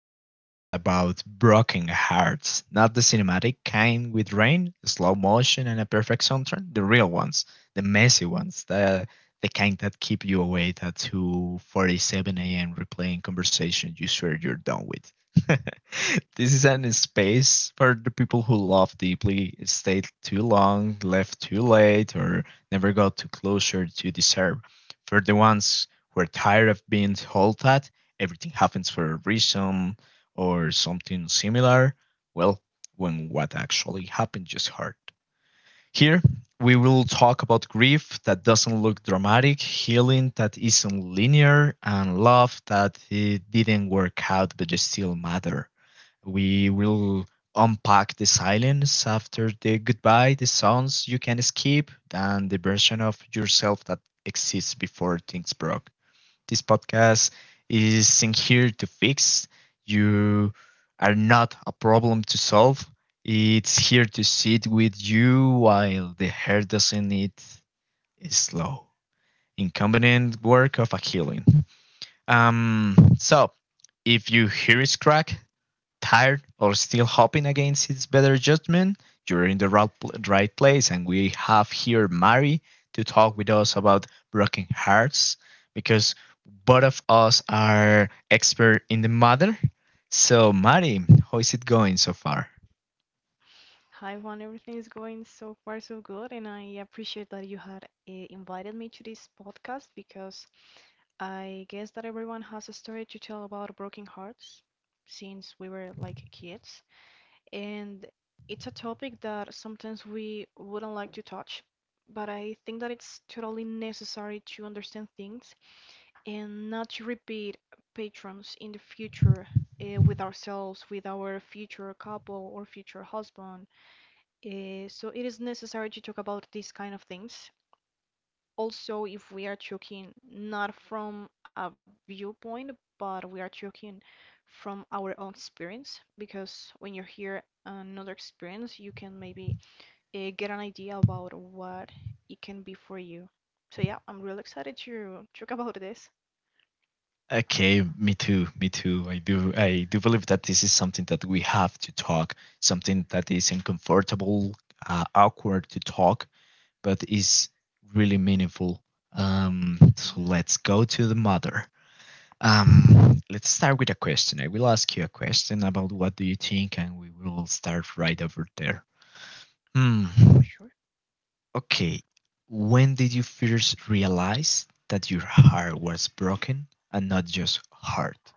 a podcast about broken hearts, not the cinematic kind with rain, slow motion, and a perfect soundtrack. The real ones, the messy ones, the kind that keep you awake at 2:47 a.m. replaying conversation you swear you're done with. This is an space for the people who love deeply, stayed too long, left too late, or never got to closure to deserve. For the ones we're tired of being told that everything happens for a reason or something similar, well, when what actually happened just hurt. Here, we will talk about grief that doesn't look dramatic, healing that isn't linear, and love that it didn't work out but it still matter. We will unpack the silence after the goodbye, the songs you can skip, and the version of yourself that exists before things broke. This podcast is in here to fix. You are not a problem to solve. It's here to sit with you while the hair doesn't it is slow. Inconvenient work of a healing. So if you hear it crack, tired or still hoping against his better judgment, you're in the right place. And we have here Mari to talk with us about broken hearts because both of us are expert in the matter. So Mari, how is it going so far? Hi Juan, everything is going so far so good, and I appreciate that you had invited me to this podcast because I guess that everyone has a story to tell about broken hearts since we were like kids, and it's a topic that sometimes we wouldn't like to touch, but I think that it's totally necessary to understand things and not to repeat patrons in the future. With ourselves, with our future couple or future husband. So it is necessary to talk about these kind of things. Also, if we are talking not from a viewpoint, but we are talking from our own experience, because when you hear another experience, you can maybe get an idea about what it can be for you. So yeah, I'm really excited to talk about this. Okay, me too, me too. I do believe that this is something that we have to talk, something that is uncomfortable, awkward to talk but is really meaningful. So Mhm, let's go to the mother. Let's start with a question. I will ask you a question about what do you think, and we will start right over there. Hmm. for sure. Okay. When did you first realize that your heart was broken and not just heart?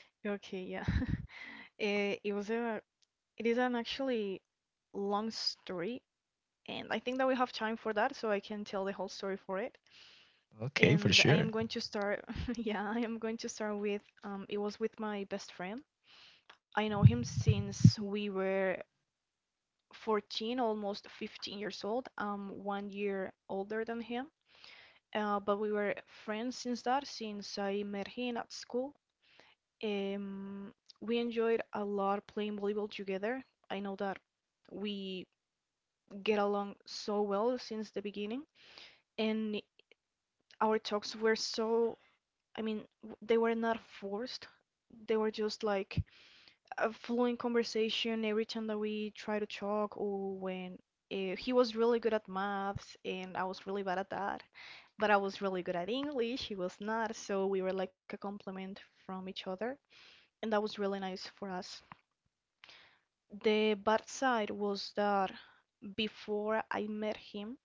Okay, yeah. Uh, it was a, it is an actually long story. And I think that we have time for that, so I can tell the whole story for it. Okay, for And I sure. am going to start, Yeah, I am going to start with. It was with my best friend. I know him since we were 14, almost 15 years old. One year older than him. But we were friends since that, since I met him at school. Um, we enjoyed a lot playing volleyball together. I know that we get along so well since the beginning. And our talks were so, I mean, they were not forced. They were just like a flowing conversation every time that we try to talk, or when he was really good at maths and I was really bad at that, but I was really good at English, he was not, so we were like a complement from each other, and that was really nice for us. The bad side was that before I met him,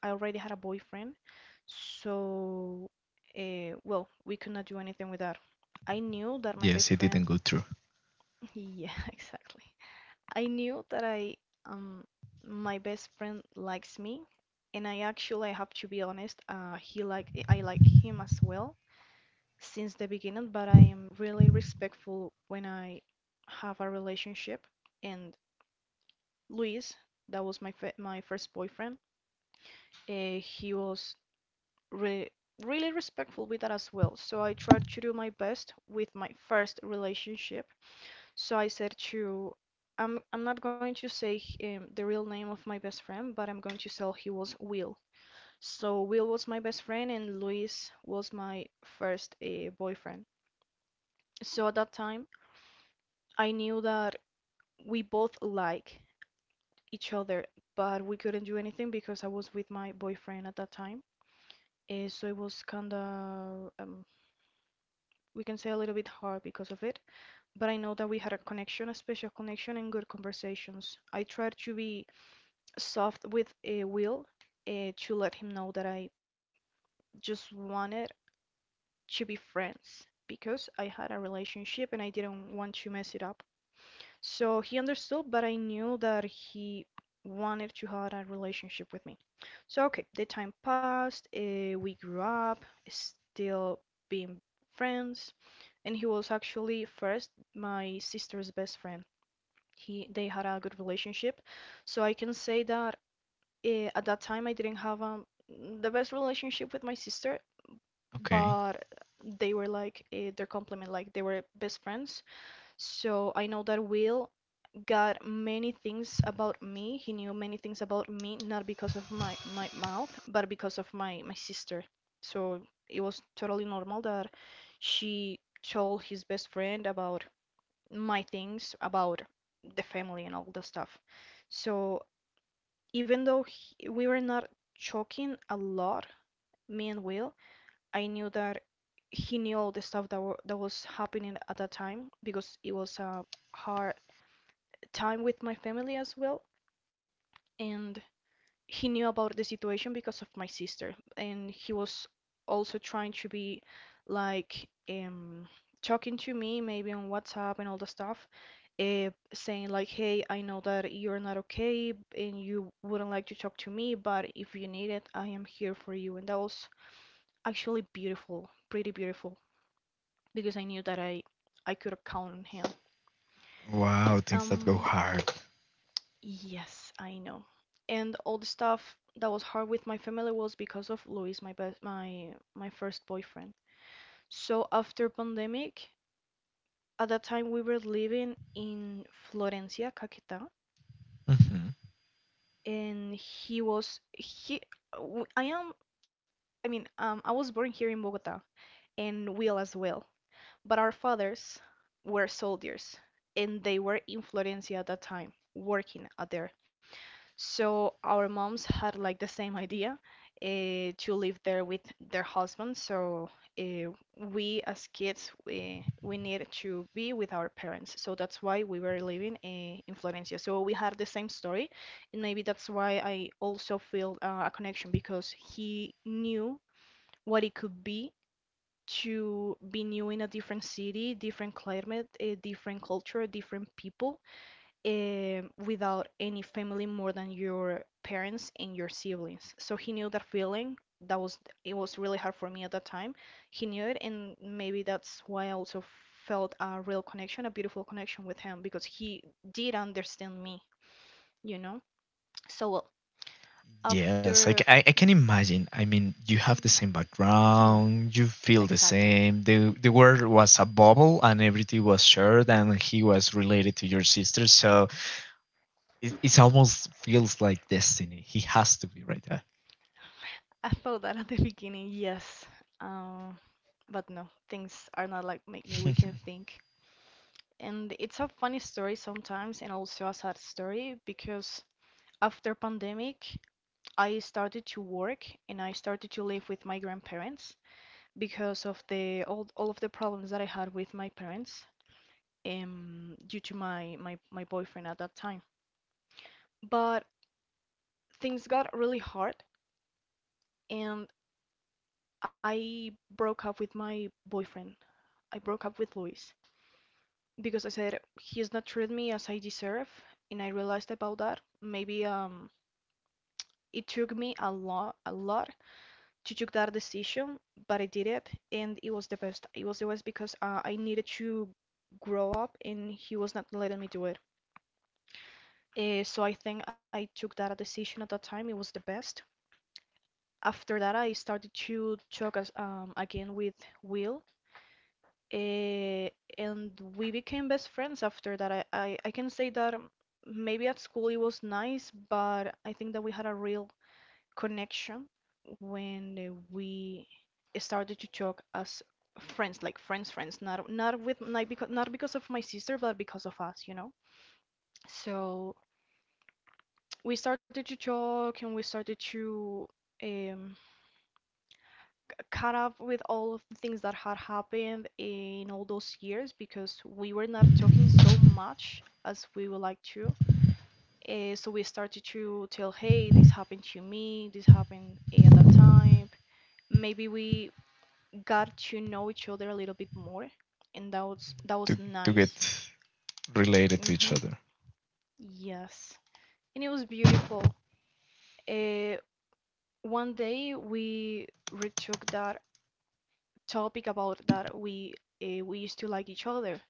I already had a boyfriend, so well, we could not do anything with that. I knew that my Yes, best it didn't friend. go through. Yeah, exactly. I knew that I um my best friend likes me, and I actually I have to be honest, he like I like him as well since the beginning, but I am really respectful when I have a relationship. And Luis, that was my first boyfriend. He was re- really respectful with that as well. So I tried to do my best with my first relationship. So I'm not going to say the real name of my best friend, but I'm going to say he was Will. So Will was my best friend, and Luis was my first boyfriend. So at that time, I knew that we both like each other, but we couldn't do anything because I was with my boyfriend at that time. So it was kinda, we can say, a little bit hard because of it. But I know that we had a connection, a special connection, and good conversations. I tried to be soft with Will, to let him know that I just wanted to be friends because I had a relationship and I didn't want to mess it up. So he understood, but I knew that he wanted to have a relationship with me. So, okay, the time passed. We grew up, still being friends, and he was actually first my sister's best friend. He they had a good relationship, so I can say that at that time I didn't have, the best relationship with my sister, Okay. but they were like, their complement, like they were best friends. So I know that Will got many things about me. He knew many things about me, not because of my mouth, but because of my sister. So it was totally normal that she told his best friend about my things about the family and all the stuff. So even though he, we were not talking a lot, me and Will, I knew that he knew all the stuff that was happening at that time because it was a hard time with my family as well. And he knew about the situation because of my sister, and he was also trying to be like, talking to me maybe on WhatsApp and all the stuff, saying like, hey, I know that you're not okay and you wouldn't like to talk to me, but if you need it, I am here for you, and that was actually beautiful, pretty beautiful, because I knew that I could count on him. Wow, things that go um hard. Yes, I know. And all the stuff that was hard with my family was because of Luis, my best, my first boyfriend. So after pandemic, at that time we were living in Florencia, Caquetá, Mhm. and he was he w- I am I mean, I was born here in Bogotá and Will as well. But our fathers were soldiers and they were in Florencia at that time, working out there. So our moms had like the same idea, uh, to live there with their husbands. So uh, we as kids, we need to be with our parents. So that's why we were living, in Florencia. So we had the same story, and maybe that's why I also feel, a connection, because he knew what it could be to be new in a different city, different climate, a different culture, different people, without any family more than your parents and your siblings. So he knew that feeling. That was it was really hard for me at that time. He knew it, and maybe that's why I also felt a real connection, a beautiful connection with him, because he did understand me, you know? So, well, Yes, after. I can imagine. I mean, you have the same Yeah, background, you feel the exactly. same. The world was a bubble and everything was shared and he was related to your sister, so it almost feels like destiny. He has to be right there. I thought that at the beginning, yes. Um, but no, things are not like make me we can think. And it's a funny story sometimes and also a sad story, because after pandemic I started to work and I started to live with my grandparents because of all of the problems that I had with my parents, due to my boyfriend at that time. But things got really hard and I broke up with my boyfriend. I broke up with Luis because I said he's not treated me as I deserve, and I realized about that. Maybe, it took me a lot to take that decision, but I did it, and it was the best. It was the best because I needed to grow up, and he was not letting me do it. So I think I took that decision at that time. It was the best. After that, I started to talk as, again with Will, uh, and we became best friends after that. I can say that, maybe at school it was nice, but I think that we had a real connection when we started to talk as friends, like friends, friends, not with like because not because of my sister, but because of us. So we started to talk and we started to, um, caught up with all of the things that had happened in all those years because we were not talking so much as we would like to. So we started to tell, hey, this happened to me, this happened, at that time. Maybe we got to know each other a little bit more, and that was to to get nice. related to each Hmm. other. Yes, and it was beautiful. Uh, one day we retook that topic about that we used to like each other,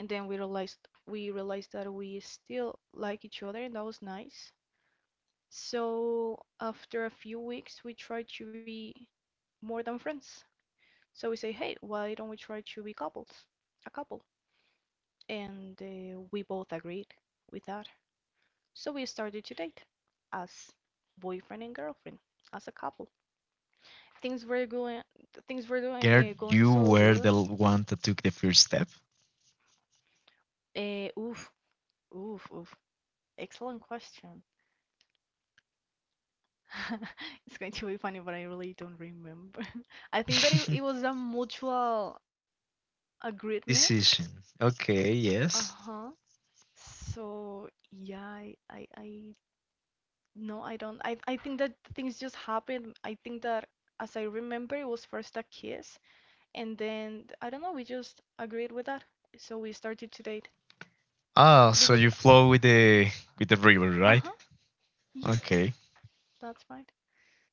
and then we realized that we still like each other, and that was nice. So after a few weeks, we tried to be more than friends. So we say, hey, why don't we try to be a couple? And we both agreed with that. So we started to date as boyfriend and girlfriend, as a couple. Things were going, things were doing, Gerd, uh, going you so were the good. One that took the first step. Oof, oof, oof. Excellent question. It's going to be funny, but I really don't remember. I think that it was a mutual agreement. Decision. Okay, yes. Uh-huh. So yeah. I No, I don't. I think that things just happened. I think that as I remember, it was first a kiss, and then I don't know. We just agreed with that, so we started to date Ah, so because you yeah, flow with the river, uh-huh, right? yes, Okay. that's right.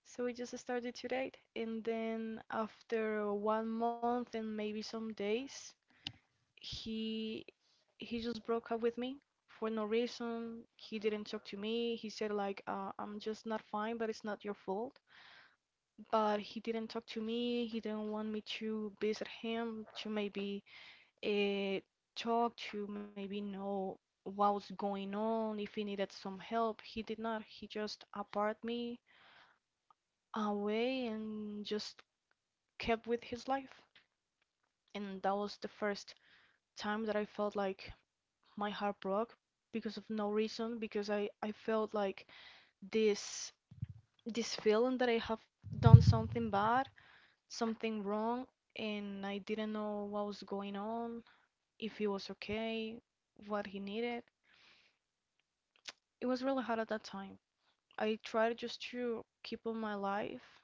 So we just started to date, and then after one month and maybe some days, he he just broke up with me for no reason. He didn't talk to me. He said like, "I'm just not fine, but it's not your fault." But he didn't talk to me. He didn't want me to visit him to maybe uh, talk to maybe know what was going on, if he needed some help. He did not. He just apart me away and just kept with his life. And that was the first time that I felt like my heart broke because of no reason, because I felt like this this feeling that I have done something bad, something wrong, and I didn't know what was going on, if he was okay, what he needed. It was really hard at that time. I tried just to keep on my life,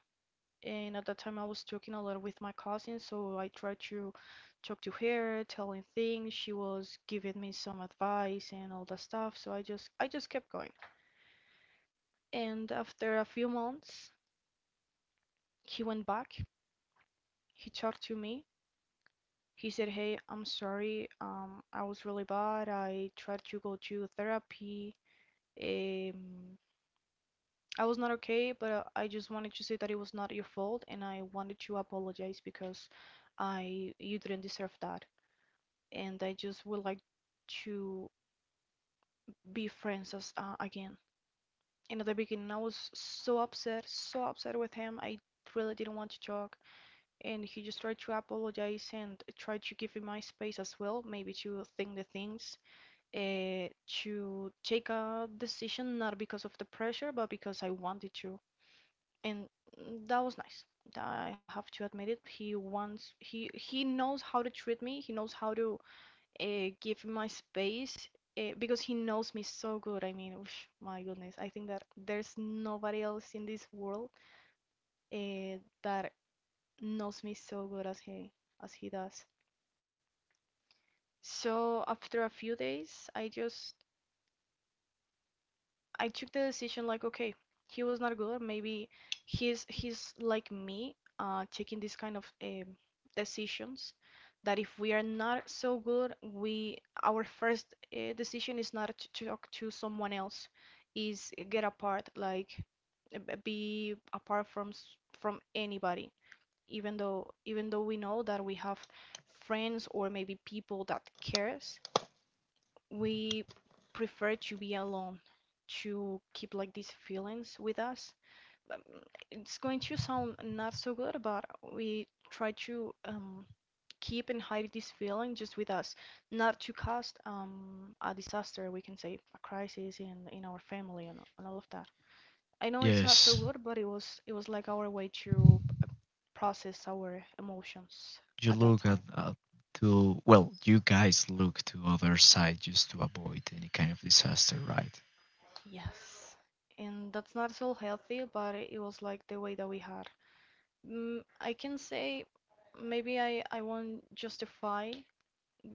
and at that time I was talking a lot with my cousin, so I tried to talk to her, telling things. She was giving me some advice and all that stuff, so I just kept going. And after a few months, he went back. He talked to me. He said, "Hey, I'm sorry. I was really bad. I tried to go to therapy. Um, I was not okay, but I just wanted to say that it was not your fault, and I wanted to apologize because I you didn't deserve that. And I just would like to be friends as again." And at the beginning, I was so upset with him. I really didn't want to talk, and he just tried to apologize and tried to give me my space as well, maybe to think the things, uh, to take a decision not because of the pressure, but because I wanted to. And that was nice. I have to admit it. He wants he knows how to treat me. He knows how to give me my space because he knows me so good. I mean, oof, my goodness, I think that there's nobody else in this world that knows me so good as he does. So after a few days, I took the decision like, okay, he was not good. Maybe he's like me, taking this kind of decisions. That if we are not so good, we our first decision is not to talk to someone else, is get apart, like, be apart from anybody. Even though we know that we have friends or maybe people that cares, we prefer to be alone to keep like these feelings with us. Um, It's going to sound not so good, but we try to keep and hide this feeling just with us, not to cause a disaster, we can say, a crisis in our family, and all of that. I know it's not so Yes. good, but it was like our way to process our emotions you at that look time. at to Well, you guys look to other side just to avoid any kind of disaster, right? Yes. And that's not so healthy, but it was like the way that we had. I can say maybe I won't justify,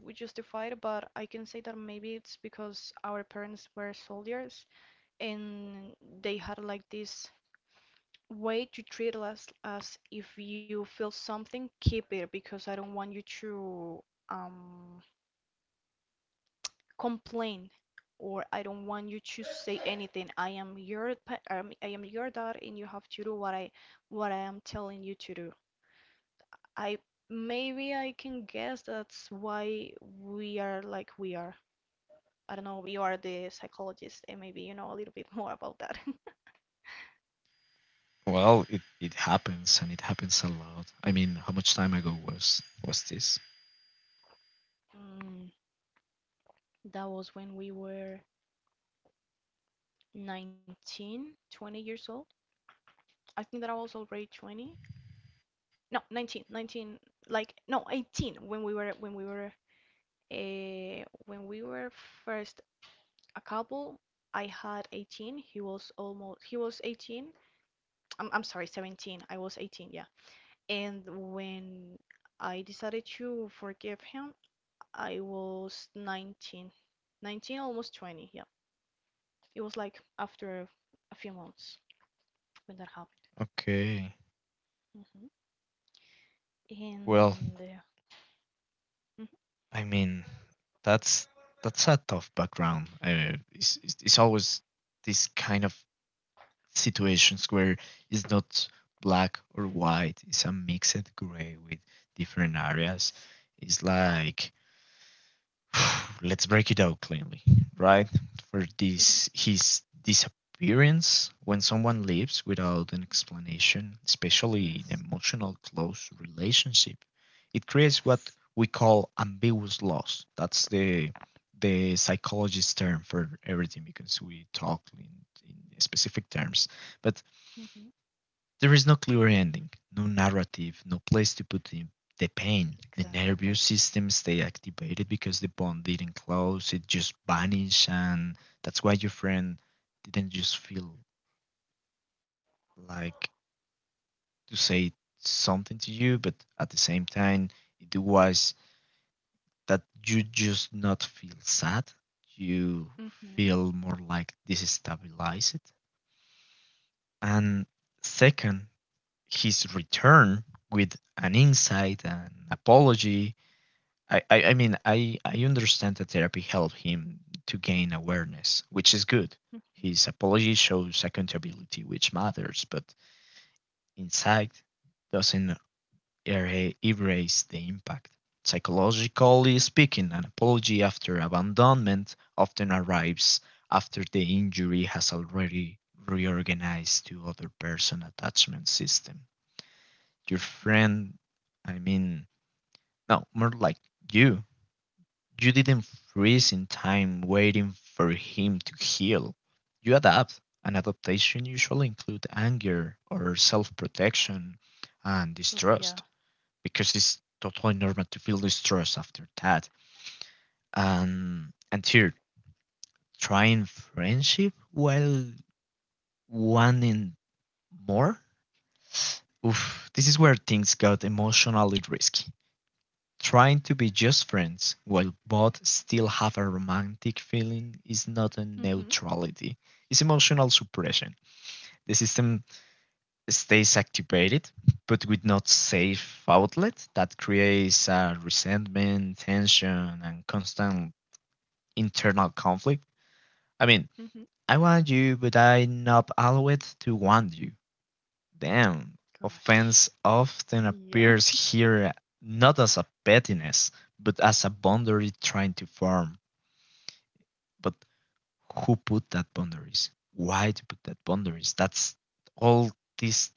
we justify it, but I can say that maybe it's because our parents were soldiers and they had like this way to treat us as, "If you feel something, keep it because I don't want you to um complain, or I don't want you to say anything. I am your dad and you have to do what I am telling you to do." I maybe I can guess that's why we are like we are. I don't know, you are the psychologist, and maybe you know a little bit more about that. Well, it happens and it happens a lot. I mean, how much time ago was this? Mm, that was when we were 19, 20 years old. I think that I was already 20. No, nineteen. Like, no, 18 when we were first a couple. I had 18. He was 18. I'm sorry, 17. I was 18. Yeah. And when I decided to forgive him, I was 19, 19, almost 20. Yeah, it was like after a few months when that happened. Okay. Mhm. Well, And mhm. I mean, that's that's a tough background. It's, it's always this kind of situations where it's not black or white. It's a mixed gray with different areas. Yes, It's like let's break it out cleanly, right? For this, his disappearance when someone leaves without an explanation, especially in yes, emotional close relationship, it creates what yes. we call ambiguous loss. That's the psychologist term for everything because we talk in specific terms. But Mhm. there is no clear ending, no narrative, no place to put him. The pain, the nervous Exactly. system stay activated because the bond didn't close, it just vanished, and that's why your friend didn't just feel like to say something to you, but at the same time, it was that you just not feel sad. You Mhm. feel more like this is stabilized. And second, his return with an insight and apology. I understand that therapy helped him to gain awareness, which is good. Mhm. His apology shows accountability, which matters, but insight doesn't erase the impact. Psychologically speaking, an apology after abandonment often arrives after the injury has already reorganized to other person attachment system. Your friend, I mean, no, more like you. You didn't freeze in time waiting for him to heal. You adapt. An adaptation usually includes anger or self protection and Oof, yeah. distrust because it's totally normal to feel distrust after that. And here, trying friendship while wanting more? Oof, this is where things got emotionally risky. Trying to be just friends while both still have a romantic feeling is not a Mhm. neutrality. It's emotional suppression. The system stays activated, but with not safe outlet that creates resentment, tension, and constant internal conflict. I mean, Mhm. I want you, but I'm not allowed to want you. Damn, offense Gosh, often yeah. appears here not as a pettiness, but as a boundary trying to form. But who put that boundaries? Why to put that boundaries? That's all these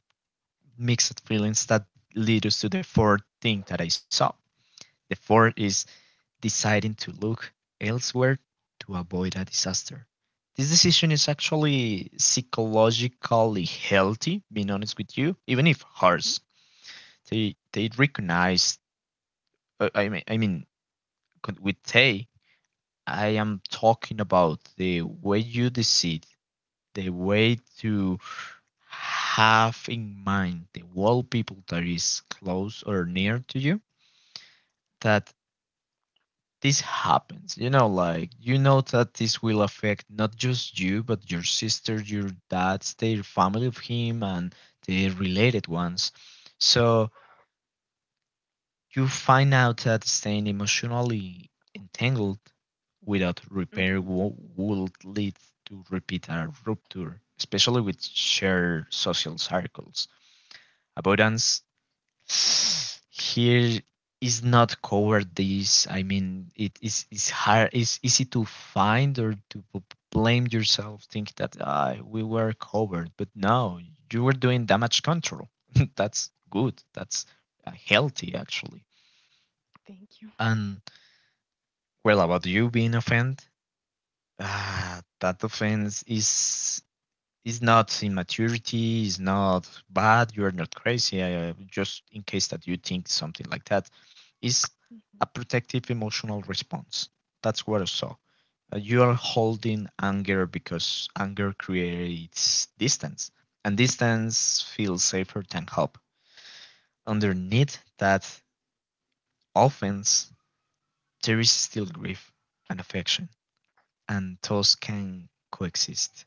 mixed feelings that lead us to the fourth thing that I saw. The fourth is deciding to look elsewhere to avoid a disaster. This decision is actually psychologically healthy, being honest with you, even if hard Mhm. they recognize uh, i mean i mean con- with they I am talking about the way you decide the way to have in mind the world people that is close or near to you that this happens you know like you know that this will affect not just you but your sister your dad's their family of him and the related ones so you find out that staying emotionally entangled without repair Mhm. Would lead to repeat a rupture, especially with shared social circles. Avoidance here is not covered. This, I mean, it is hard. It's easy to find or to blame yourself, think that ah, we were covered, but no, you were doing damage control. That's good. That's healthy actually. Thank you. And well, about you being offended, ah, that offense is not immaturity, is not bad. You are not crazy. I just in case that you think something like that, is Mhm. a protective emotional response. That's what I saw. You are holding anger because anger creates distance, and distance feels safer than help. Underneath that offense, there is still grief and affection. And those can coexist.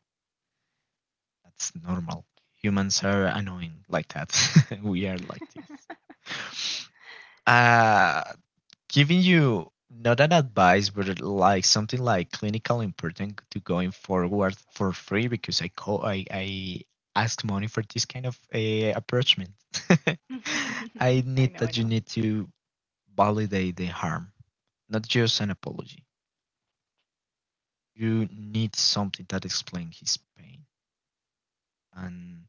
That's normal. Humans are annoying like that. We are like this. Uh, Giving you not an advice, but like something like clinical important to going forward for free because I call I asked money for this kind of approachment. I I need know, I that You know. need to validate the harm, not just an apology. You need something that explains his pain and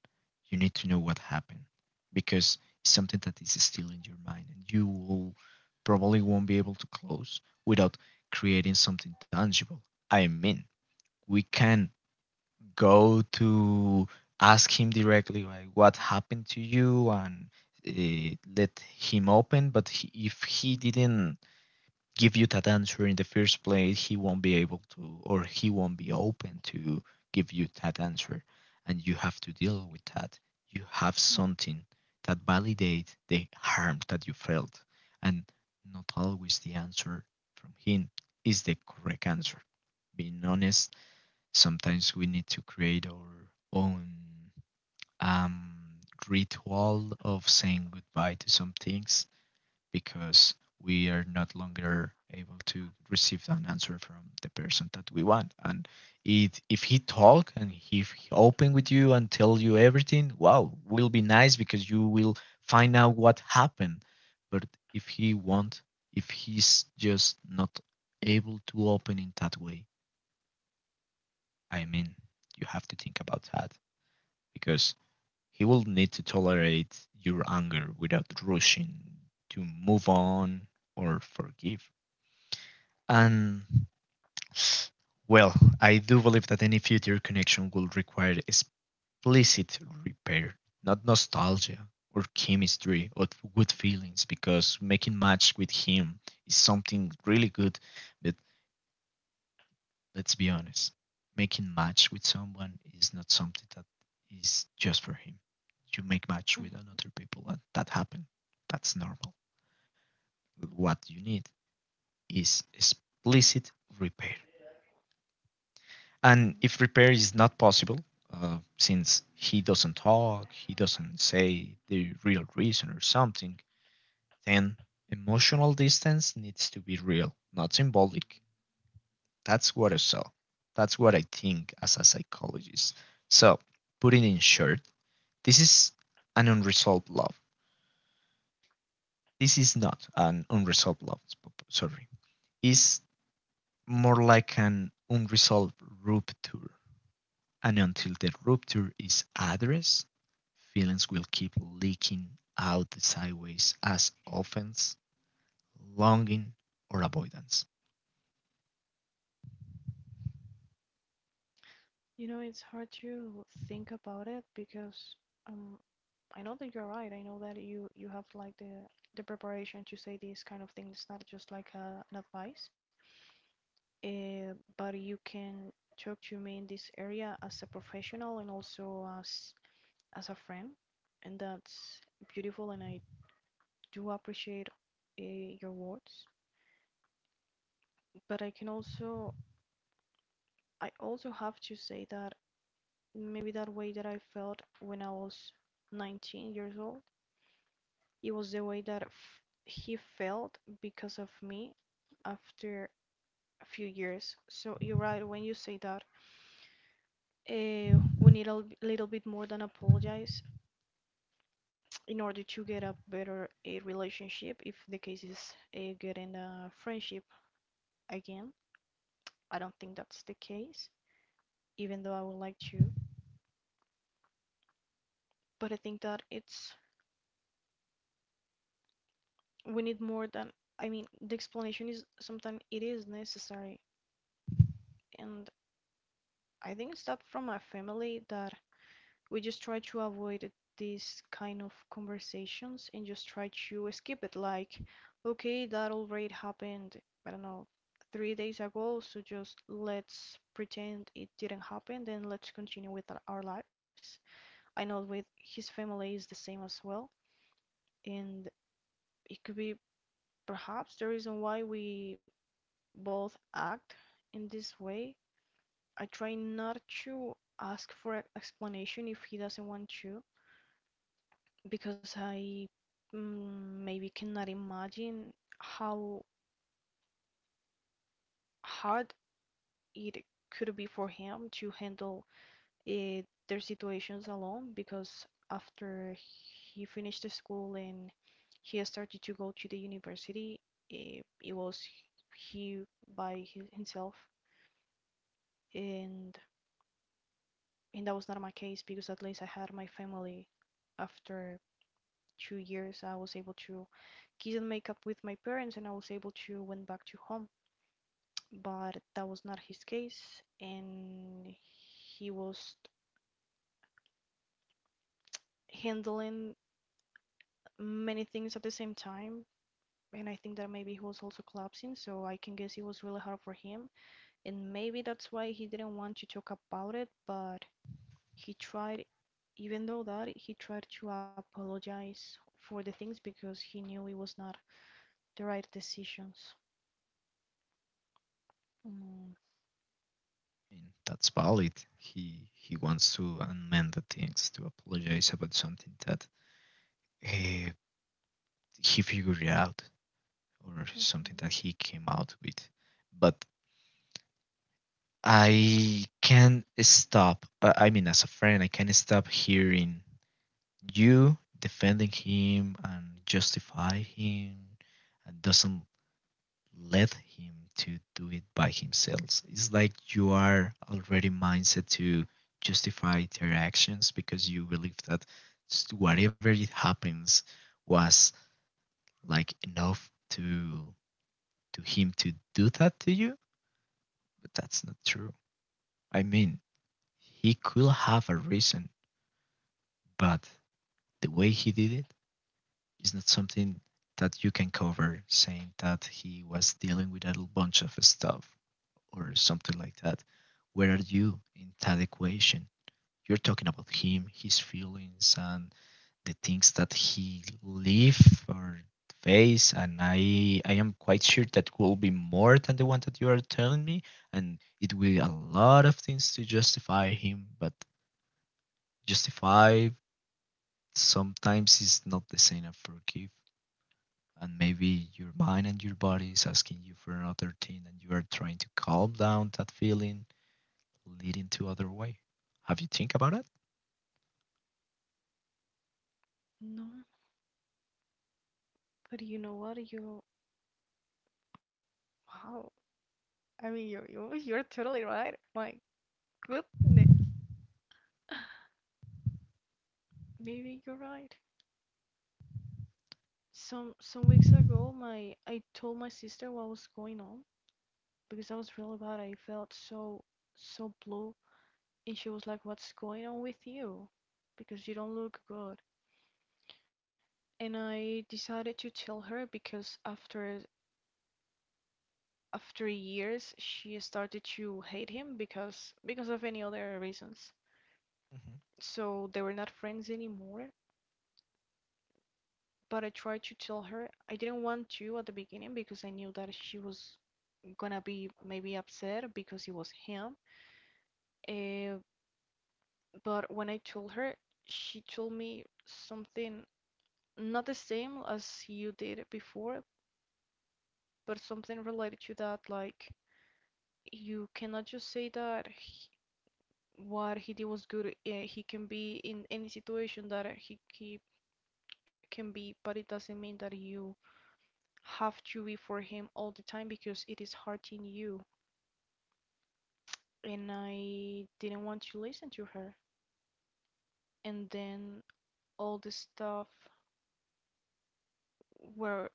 you need to know what happened because it's something that is still in your mind and you will probably won't be able to close without creating something tangible. I mean, we can go to ask him directly like what happened to you and let him open but he, if he didn't give you that answer in the first place, he won't be able to, or he won't be open to give you that answer. And you have to deal with that. You have Mm, something that validates the harm that you felt. And not always the answer from him is the correct answer. Being honest, sometimes we need to create our own um, ritual of saying goodbye to some things because we are not longer able to receive an answer from the person that we want and it, if he talk and if he open with you and tell you everything wow will be nice because you will find out what happened but if he won't if he's just not able to open in that way I mean you have to think about that because he will need to tolerate your anger without rushing to move on or forgive. And well, I do believe that any future connection will require explicit repair, not nostalgia or chemistry or good feelings, because making match with him is something really good. But let's be honest, making match with someone is not something that is just for him. You make match mm, with another people, and that happen. That's normal. What you need is explicit repair. And mhm. if repair is not possible, since he doesn't talk, he doesn't say the real reason or something, then emotional distance needs to be real, not symbolic. That's what I saw. That's what I think as a psychologist. So, putting in short, this is an unresolved love. This is not an unresolved love, sorry. It's more like an unresolved rupture. And until the rupture is addressed, feelings will keep leaking out the sideways as offense, longing, or avoidance. You know, it's hard to think about it because um, I know that you're right. I know that you have like the preparation to say these kind of things. Not just like an advice, but you can talk to me in this area as a professional and also as a friend, and that's beautiful. And I do appreciate uh, your words, but I also have to say that maybe that way that I felt when I was 19 years old, it was the way that f he felt because of me after a few years. So you're right when you say that we need a little bit more than apologize in order to get a relationship if the case is getting a friendship again. I don't think that's the case, even though I would like to. But I think that it's we need more than — I mean, the explanation is sometimes it is necessary. And I think it's that from my family that we just try to avoid these kind of conversations and just try to skip it like, okay, that already happened, I don't know, 3 days ago, so just let's pretend it didn't happen, then let's continue with our- lives. I know with his family is the same as well, and it could be perhaps the reason why we both act in this way. I try not to ask for an explanation if he doesn't want to, because I maybe cannot imagine how hard it could be for him to handle, eh, their situations alone, because after he finished the school and he started to go to the university, it was he by himself. And and that was not my case, because at least I had my family. After 2 years, I was able to kiss and make up with my parents, and I was able to went back to home. But that was not his case, and he was handling many things at the same time. And I think that maybe he was also collapsing, so I can guess it was really hard for him. And maybe that's why he didn't want to talk about it, but he tried, even though that, he tried to apologize for the things because he knew it was not the right decisions. Mm. I mean, that's valid. He wants to amend the things to apologize about something that eh, he figured it out or something Hmm. that he came out with. But I can stop. As a friend, I can stop hearing you defending him and justify him and doesn't let him to do it by himself. It's like you are already mindset to justify their actions because you believe that whatever it happens was like enough to him to do that to you, but that's not true. I mean, he could have a reason, but the way he did it is not something that you can cover saying that he was dealing with a bunch of stuff or something like that. Where are you in that equation? You're talking about him, his feelings, and the things that he live or face, and I am quite sure that will be more than the one that you are telling me, and it will be a lot of things to justify him, but justify sometimes is not the same as forgive. And maybe your mind and your body is asking you for another thing, and you are trying to calm down that feeling, leading to other way. Have you think about it? No, but you know what? You Wow. I mean, you you're totally right. My goodness. Maybe you're right. Some weeks ago, my I told my sister what was going on because I was really bad. I felt so blue, and she was like, "What's going on with you? Because you don't look good." And I decided to tell her because after years, she started to hate him because of any other reasons. Mhm. So they were not friends anymore. But I tried to tell her, I didn't want to at the beginning because I knew that she was gonna be maybe upset because it was him. Uh, but when I told her, she told me something not the same as you did before, but something related to that. Like, you cannot just say that what he did was good. He can be in any situation that he can be, but it doesn't mean that you have to be for him all the time because it is hurting you. And I didn't want to listen to her. And then all the stuff were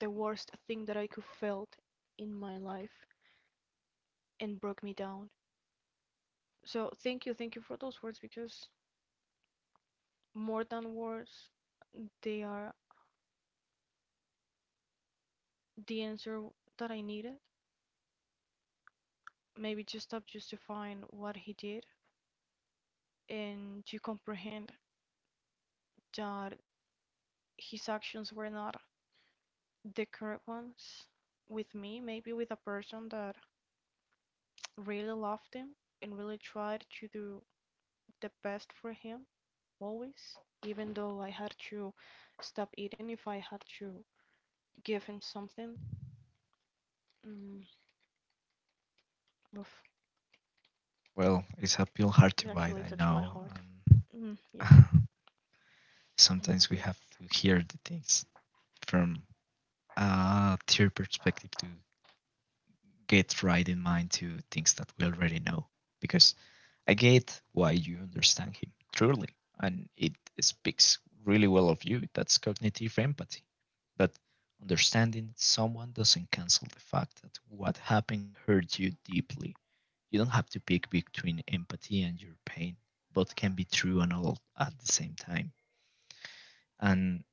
the worst thing that I could felt in my life and broke me down. So thank you for those words, because more than words, they are the answer that I needed. Maybe just stop justifying what he did, and to comprehend that his actions were not the correct ones with me, maybe with a person that really loved him and really tried to do the best for him always, even though I had to stop eating if I had to give him something. Mm, Oof, Well, it's a pill it hard to actually bite, touched I my heart. know. And Mm, yeah. Oh my sometimes we have goodness. to hear the things from a third perspective to get right in mind to things that we already know, because I get why you understand him truly, and it speaks really well of you. That's cognitive empathy. But understanding someone doesn't cancel the fact that what happened hurt you deeply. You don't have to pick between empathy and your pain. Both can be true and all at the same time. And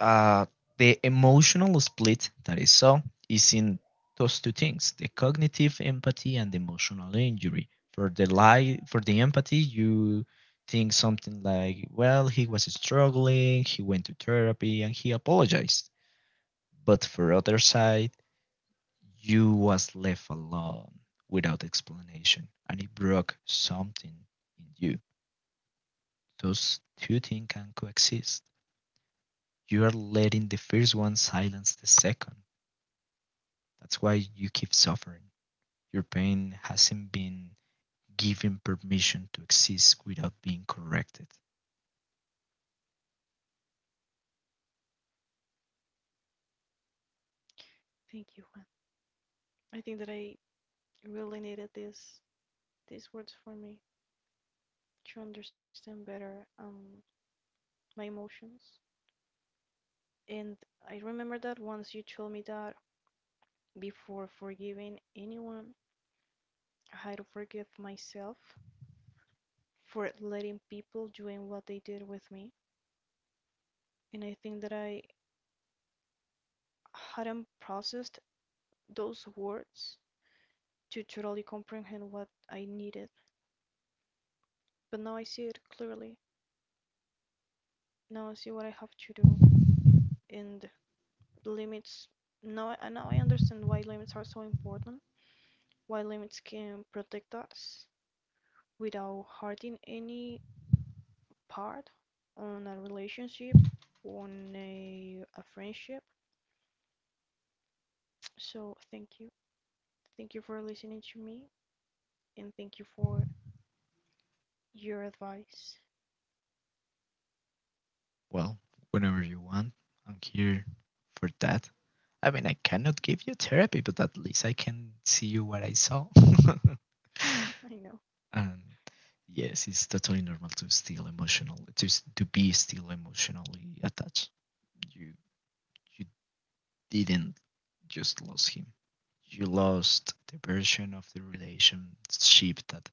uh, the emotional split that is saw is in those two things, the cognitive empathy and the emotional injury. For the lie, for the empathy, you think something like, well, he was struggling, he went to therapy, and he apologized. But for other side, you was left alone without explanation, and it broke something in you. Those two things can coexist. You are letting the first one silence the second. That's why you keep suffering. Your pain hasn't been given permission to exist without being corrected. Thank you, Juan. I think that I really needed this these words for me to understand better my emotions. And I remember that once you told me that before forgiving anyone, I had to forgive myself for letting people doing what they did with me. And I think that I hadn't processed those words to totally comprehend what I needed. But now I see it clearly. Now I see what I have to do, and limits. Now, I understand why limits are so important. Why limits can protect us without hurting any part on a relationship, on a friendship. So thank you, thank you for listening to me, and thank you for your advice. Well, whenever you want, I'm here for that. I mean, I cannot give you therapy, but at least I can see you what I saw. I know. And yes, it's totally normal to still emotional to to be still emotionally attached. You you didn't just lost him. You lost the version of the relationship that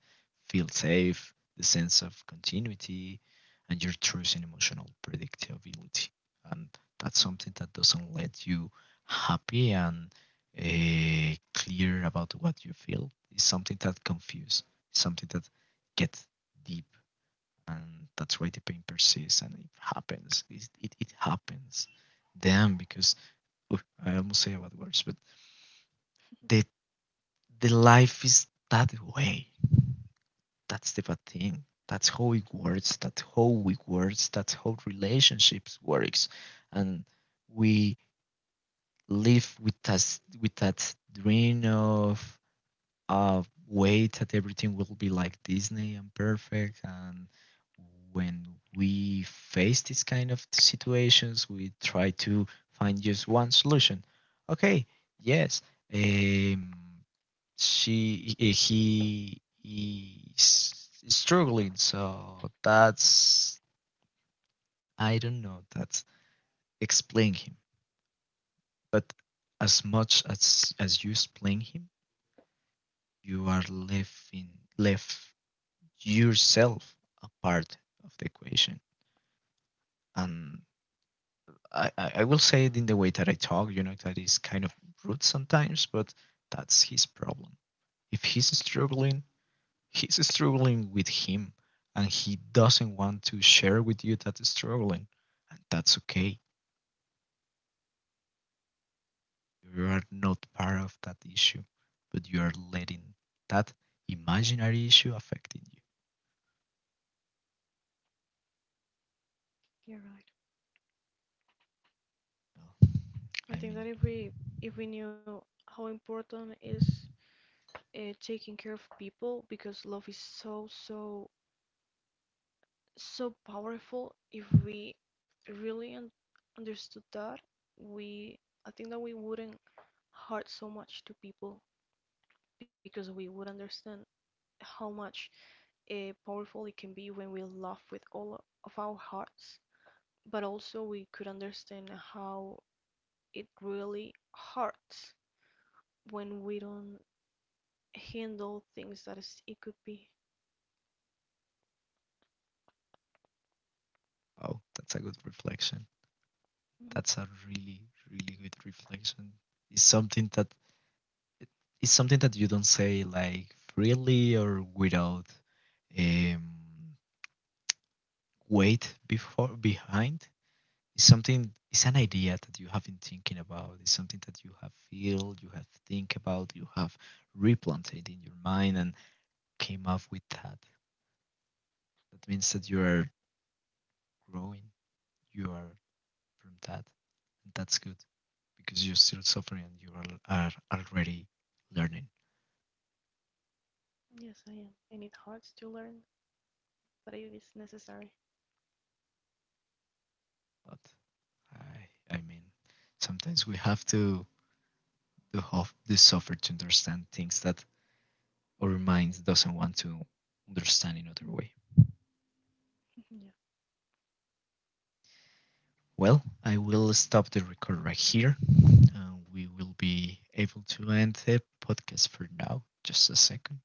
feels safe, the sense of continuity, and your trust in emotional predictability. And that's something that doesn't let you happy and clear about what you feel. It's something that confuses, something that gets deep. And that's why the pain persists and it happens. It happens. Damn, because oof, I almost say about words, but the the life is that way. That's the bad thing. That's how it works. That's how it works. That's how relationships works, and we live with us with that dream of uh way that everything will be like Disney and perfect. And when we face this kind of situations, we try to find just one solution. Okay, yes. Um, she he is struggling, so that's, I don't know, that's explain him. But as much as you explain him, you are leaving, left yourself a part of the equation. And I will say it in the way that I talk, you know, that is kind of rude sometimes, but that's his problem. If he's struggling, he's struggling with him, and he doesn't want to share with you that struggling, and that's okay. You are not part of that issue, but you are letting that imaginary issue affecting You're right. you. I I think mean, that if we knew how important is taking care of people, because love is so, so so powerful. If we really understood that, we, I think that we wouldn't hurt so much to people, because we would understand how much powerful it can be when we love with all of our hearts, but also we could understand how it really hurts when we don't handle things that is, it could be. oh, that's a good reflection. Mhm. That's a really really good reflection. It's something that, it's something that you don't say like freely or without um, weight before behind. It's something, it's an idea that you have been thinking about. It's something that you have feel, you have think about, you have replanted in your mind and came up with that. That means that you are growing. You are from that, and that's good because you're still suffering and you are already learning. Yes, I am. And it hurts to learn, but it is necessary. But I mean, sometimes we have to have the suffer to understand things that our minds doesn't want to understand in other Mm. way. Yes. Well, I will stop the record right here. We will be able to end the podcast for now. Just a second.